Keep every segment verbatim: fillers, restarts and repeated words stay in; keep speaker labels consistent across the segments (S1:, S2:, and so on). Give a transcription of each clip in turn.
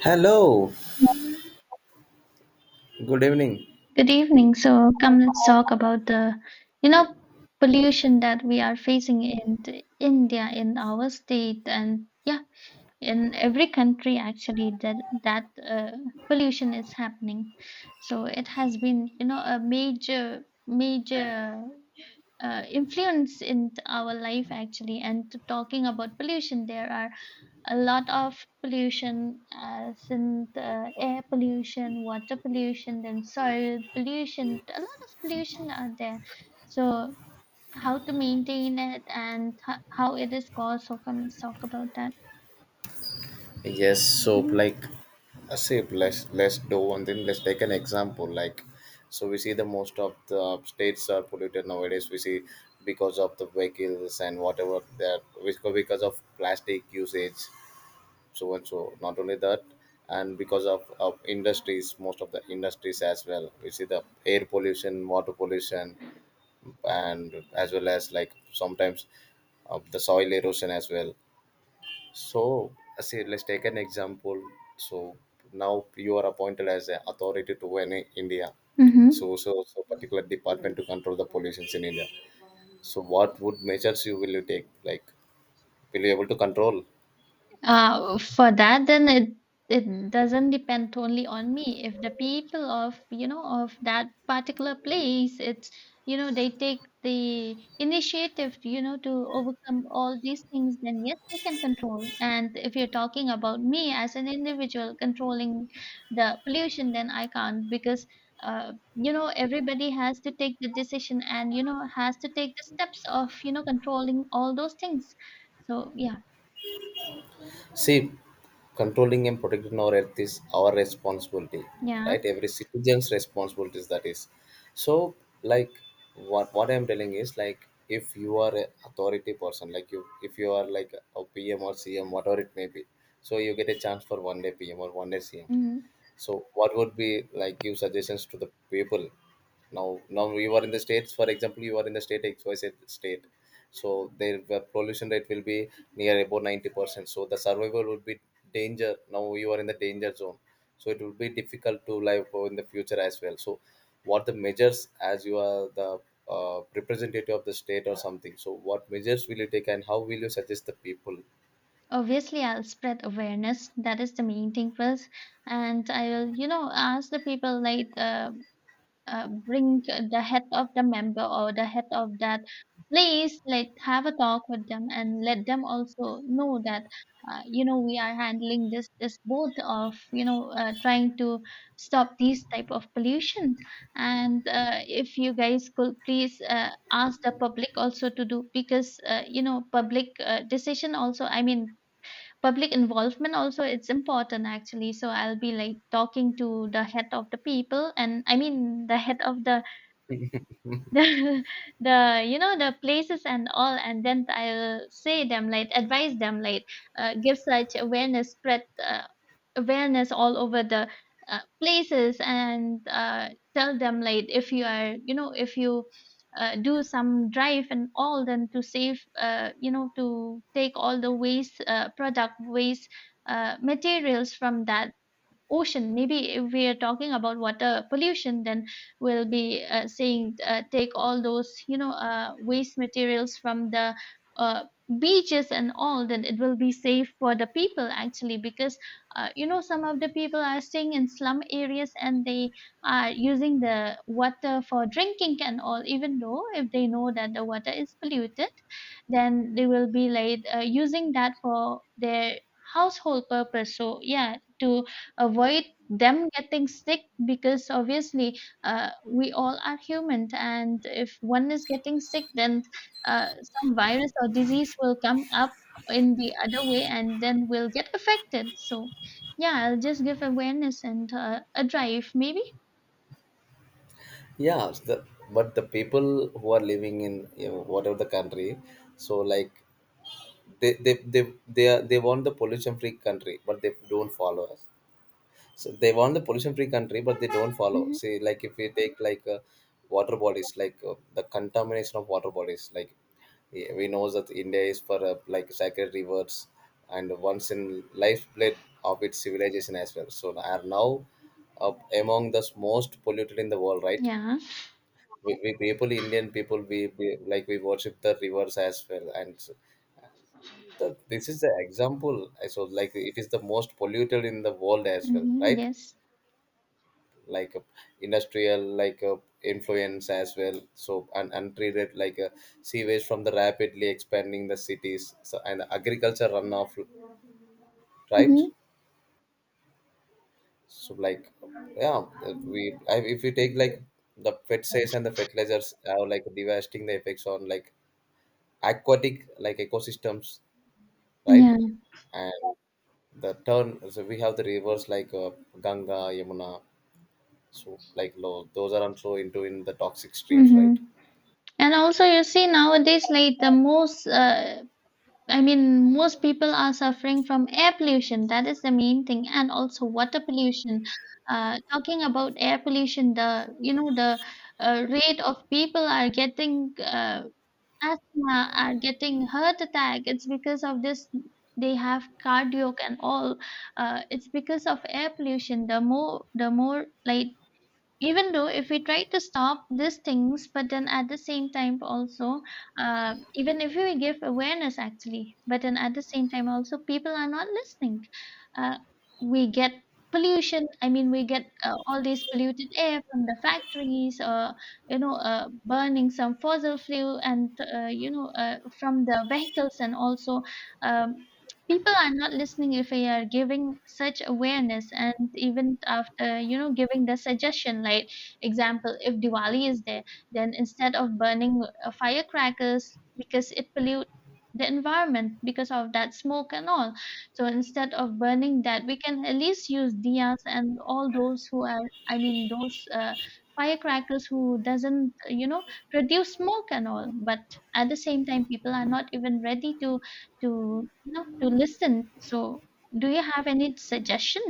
S1: Hello, good evening.
S2: Good evening. So come, let's talk about the, you know, pollution that we are facing in the- India, in our state, and yeah, in every country actually, that that uh, pollution is happening. So it has been, you know, a major major uh, influence in our life actually. And talking about pollution, there are a lot of pollution, as in the air pollution, water pollution, then soil pollution. A lot of pollution are there. So how to maintain it, and ho- how it is caused? So can, let's talk about that.
S1: Yes, so like I say, let's let's do one thing. Let's take an example. Like, so we see the most of the states are polluted nowadays. We see because of the vehicles and whatever that because because of plastic usage, so and so. Not only that, and because of, of industries, most of the industries as well. We see the air pollution, water pollution, and as well as like sometimes of the soil erosion as well. So, see, let's take an example. So now you are appointed as an authority to an India.
S2: Mm-hmm.
S1: So, so, so particular department to control the pollutions in India. So, what would measures you will you take? Like, will you able to control?
S2: Uh, for that, then it it doesn't depend only on me. If the people of you know of that particular place, it's you know they take the initiative you know to overcome all these things, then yes, we can control. And if you're talking about me as an individual controlling the pollution, then I can't, because uh, you know everybody has to take the decision, and you know has to take the steps of you know controlling all those things. So yeah.
S1: See, controlling and protecting our earth is our responsibility,
S2: Yeah.
S1: right? Every citizen's responsibilities that is. So, like, what what I'm telling is like, if you are a authority person, like you, if you are like a P M or C M, whatever it may be, so you get a chance for one day P M or one day C M.
S2: Mhm.
S1: So, what would be like give suggestions to the people now now you are in the states, for example you are in the state xyz state, so their the pollution rate will be near about ninety percent, so the survival would be danger, now you are in the danger zone, so it will be difficult to live in the future as well. So what the measures as you are the uh, representative of the state or something, so what measures will you take and how will you suggest the people?
S2: Obviously, I'll spread awareness. That is the main thing first. And I will, you know, ask the people, like uh, uh, bring the head of the member or the head of that place, like have a talk with them, and let them also know that, uh, you know, we are handling this, this both of, you know, uh, trying to stop these type of pollution. And uh, if you guys could please uh, ask the public also to do, because, uh, you know, public uh, decision also, I mean, public involvement also, it's important actually. So I'll be like talking to the head of the people, and I mean the head of the the the you know, the places and all. And then I'll say them, like advise them, like, uh, give such awareness, spread, uh, awareness all over the, uh, places, and, uh, tell them, like, if you are you know, if you, uh, do some drive and all, then to save, uh, you know, to take all the waste, uh, product waste, uh, materials from that ocean. Maybe if we are talking about water pollution, then we'll be uh, saying uh, take all those you know uh, waste materials from the uh, beaches and all. Then it will be safe for the people actually, because uh, you know some of the people are staying in slum areas, and they are using the water for drinking and all. Even though if they know that the water is polluted, then they will be like uh, using that for their household purpose. So yeah, to avoid them getting sick, because obviously uh, we all are human, and if one is getting sick, then uh, some virus or disease will come up in the other way, and then we'll get affected. So yeah, I'll just give awareness and uh, a drive maybe.
S1: Yeah, the, but the people who are living in, you know, whatever the country, so like they they they they, are, they want the pollution free country but they don't follow us. So they want the pollution free country but they don't follow.
S2: Hmm.
S1: See, like if we take like uh, water bodies, like uh, the contamination of water bodies, like yeah, we know that India is for uh, like sacred rivers and once in lifeblood of its civilization as well, so are now uh, among the most polluted in the world, right?
S2: Yeah.
S1: We, we people, Indian people, we, we like we worship the rivers as well, and the, this is the example I saw, like it is the most polluted in the world as well,
S2: Hmm.
S1: right?
S2: Yes.
S1: Like uh, industrial, like uh, influence as well, so and untreated like uh, sewage from the rapidly expanding the cities, so, and agriculture runoff, right?
S2: Hmm.
S1: So like yeah, we I, if we take like the pesticides and the fertilizers are like devastating the effects on like aquatic, like ecosystems, right?
S2: Yeah.
S1: And the turn, so we have the rivers like uh, Ganga, Yamuna, so like lo, those are also into in the toxic streams,
S2: Hmm.
S1: right?
S2: And also, you see, nowadays, like the most uh, I mean, most people are suffering from air pollution. That is the main thing, and also water pollution. Uh, talking about air pollution, the you know the uh, rate of people are getting uh, asthma, are getting heart attack. It's because of this. They have cardiac and all. Uh, it's because of air pollution. The more, the more, like, even though if we try to stop these things, but then at the same time also, uh, even if we give awareness actually, but then at the same time also people are not listening. uh, we get pollution, I mean, we get uh, all these polluted air from the factories, or you know uh, burning some fossil fuel, and uh, you know uh, from the vehicles, and also um, people are not listening if we are giving such awareness, and even after you know giving the suggestion, like example, if Diwali is there, then instead of burning uh, firecrackers, because it pollute the environment because of that smoke and all. So instead of burning that, we can at least use diyas and all, those who are, I mean, those uh, firecrackers who doesn't you know produce smoke and all. But at the same time people are not even ready to to you know to listen. So do you have any suggestion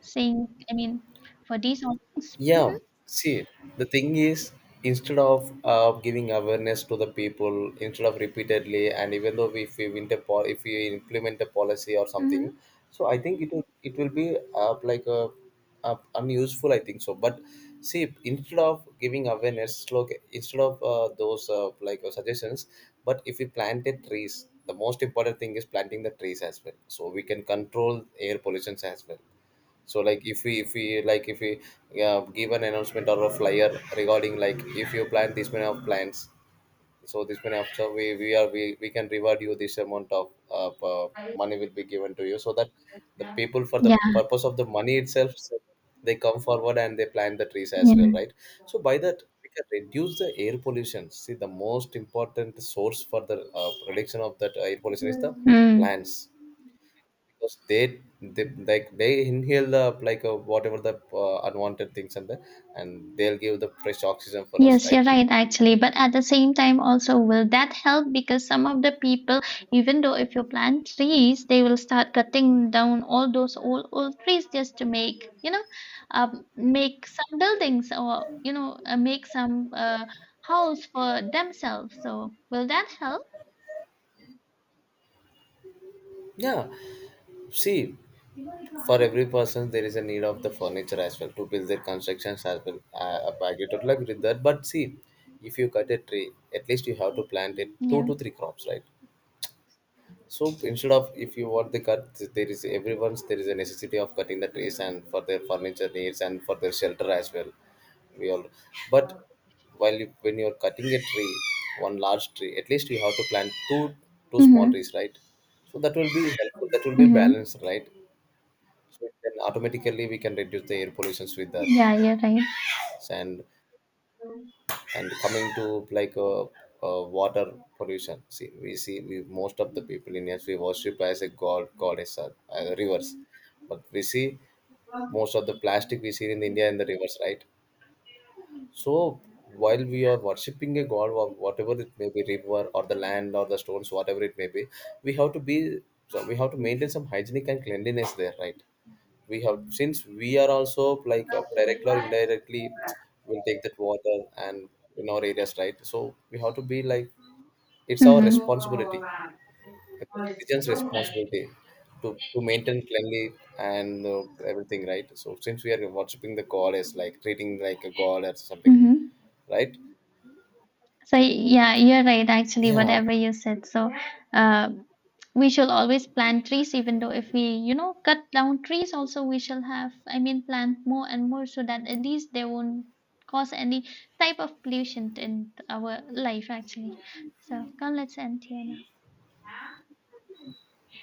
S2: saying, I mean, for these all things? Mm-hmm.
S1: Yeah, see, the thing is, instead of uh, giving awareness to the people, instead of repeatedly, and even though if we win the po- if we implement a policy or something,
S2: Mm-hmm.
S1: so I think it will it will be uh, like a, uh unuseful. I think so. But see, instead of giving awareness, look, instead of uh, those uh, like uh, suggestions, but if we planted trees, the most important thing is planting the trees as well, so we can control air pollutions as well. So like if we if we like if we uh, give an announcement or a flyer regarding, like, if you plan this many of plans, so this many of, so we we are we, we can reward you, this amount of uh, uh, money will be given to you, so that the people for the
S2: Yeah,
S1: purpose of the money itself, so they come forward and they plant the trees as well,
S2: yeah.
S1: right? So by that we can reduce the air pollution. See, the most important source for the uh, reduction of that air pollution is the
S2: Mm.
S1: plants, because they, they like they inhale the, like uh, whatever the uh, unwanted things, and the, and they'll give the fresh oxygen for us,
S2: Yes,
S1: right?
S2: you're right actually, but at the same time also, will that help? Because some of the people, even though if you plant trees, they will start cutting down all those old, old trees, just to make you know um, make some buildings, or you know uh, make some uh, house for themselves. So will that help?
S1: Yeah. See, for every person there is a need of the furniture as well to build their constructions as well. I, I get totally agree with that. But see, if you cut a tree, at least you have to plant it two
S2: Yeah.
S1: to three crops, right? So instead of, if you want the cut, there is everyone's, there is a necessity of cutting the trees and for their furniture needs and for their shelter as well. We all, but while you, when you are cutting a tree, one large tree, at least you have to plant two two small
S2: Mm-hmm.
S1: trees, right? So that will be helpful. That will be
S2: Mm-hmm.
S1: balanced, right? So then automatically we can reduce the air pollutions with that,
S2: Yeah, you're right.
S1: and and coming to like uh, uh, water pollution. See, we see, we most of the people in India we worship as a god, goddess, or uh, rivers, but we see most of the plastic we see in India in the rivers, right? So while we are worshipping a god or whatever it may be, river or the land or the stones, whatever it may be, we have to be, so we have to maintain some hygienic and cleanliness there, right? We have, since we are also like uh, directly or indirectly will take that water and in our areas, right? So we have to be like, it's our
S2: Mm-hmm.
S1: responsibility, it's a citizens responsibility to, to maintain cleanly and uh, everything, right? So since we are worshipping the god as like treating like a god or something,
S2: Mm-hmm.
S1: right?
S2: So yeah, you're right actually,
S1: Yeah,
S2: whatever you said. So uh, we shall always plant trees. Even though if we, you know, cut down trees also, we shall have, I mean, plant more and more, so that at least they won't cause any type of pollution in our life actually. So come, let's end here now.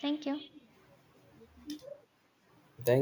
S2: Thank you.
S1: thank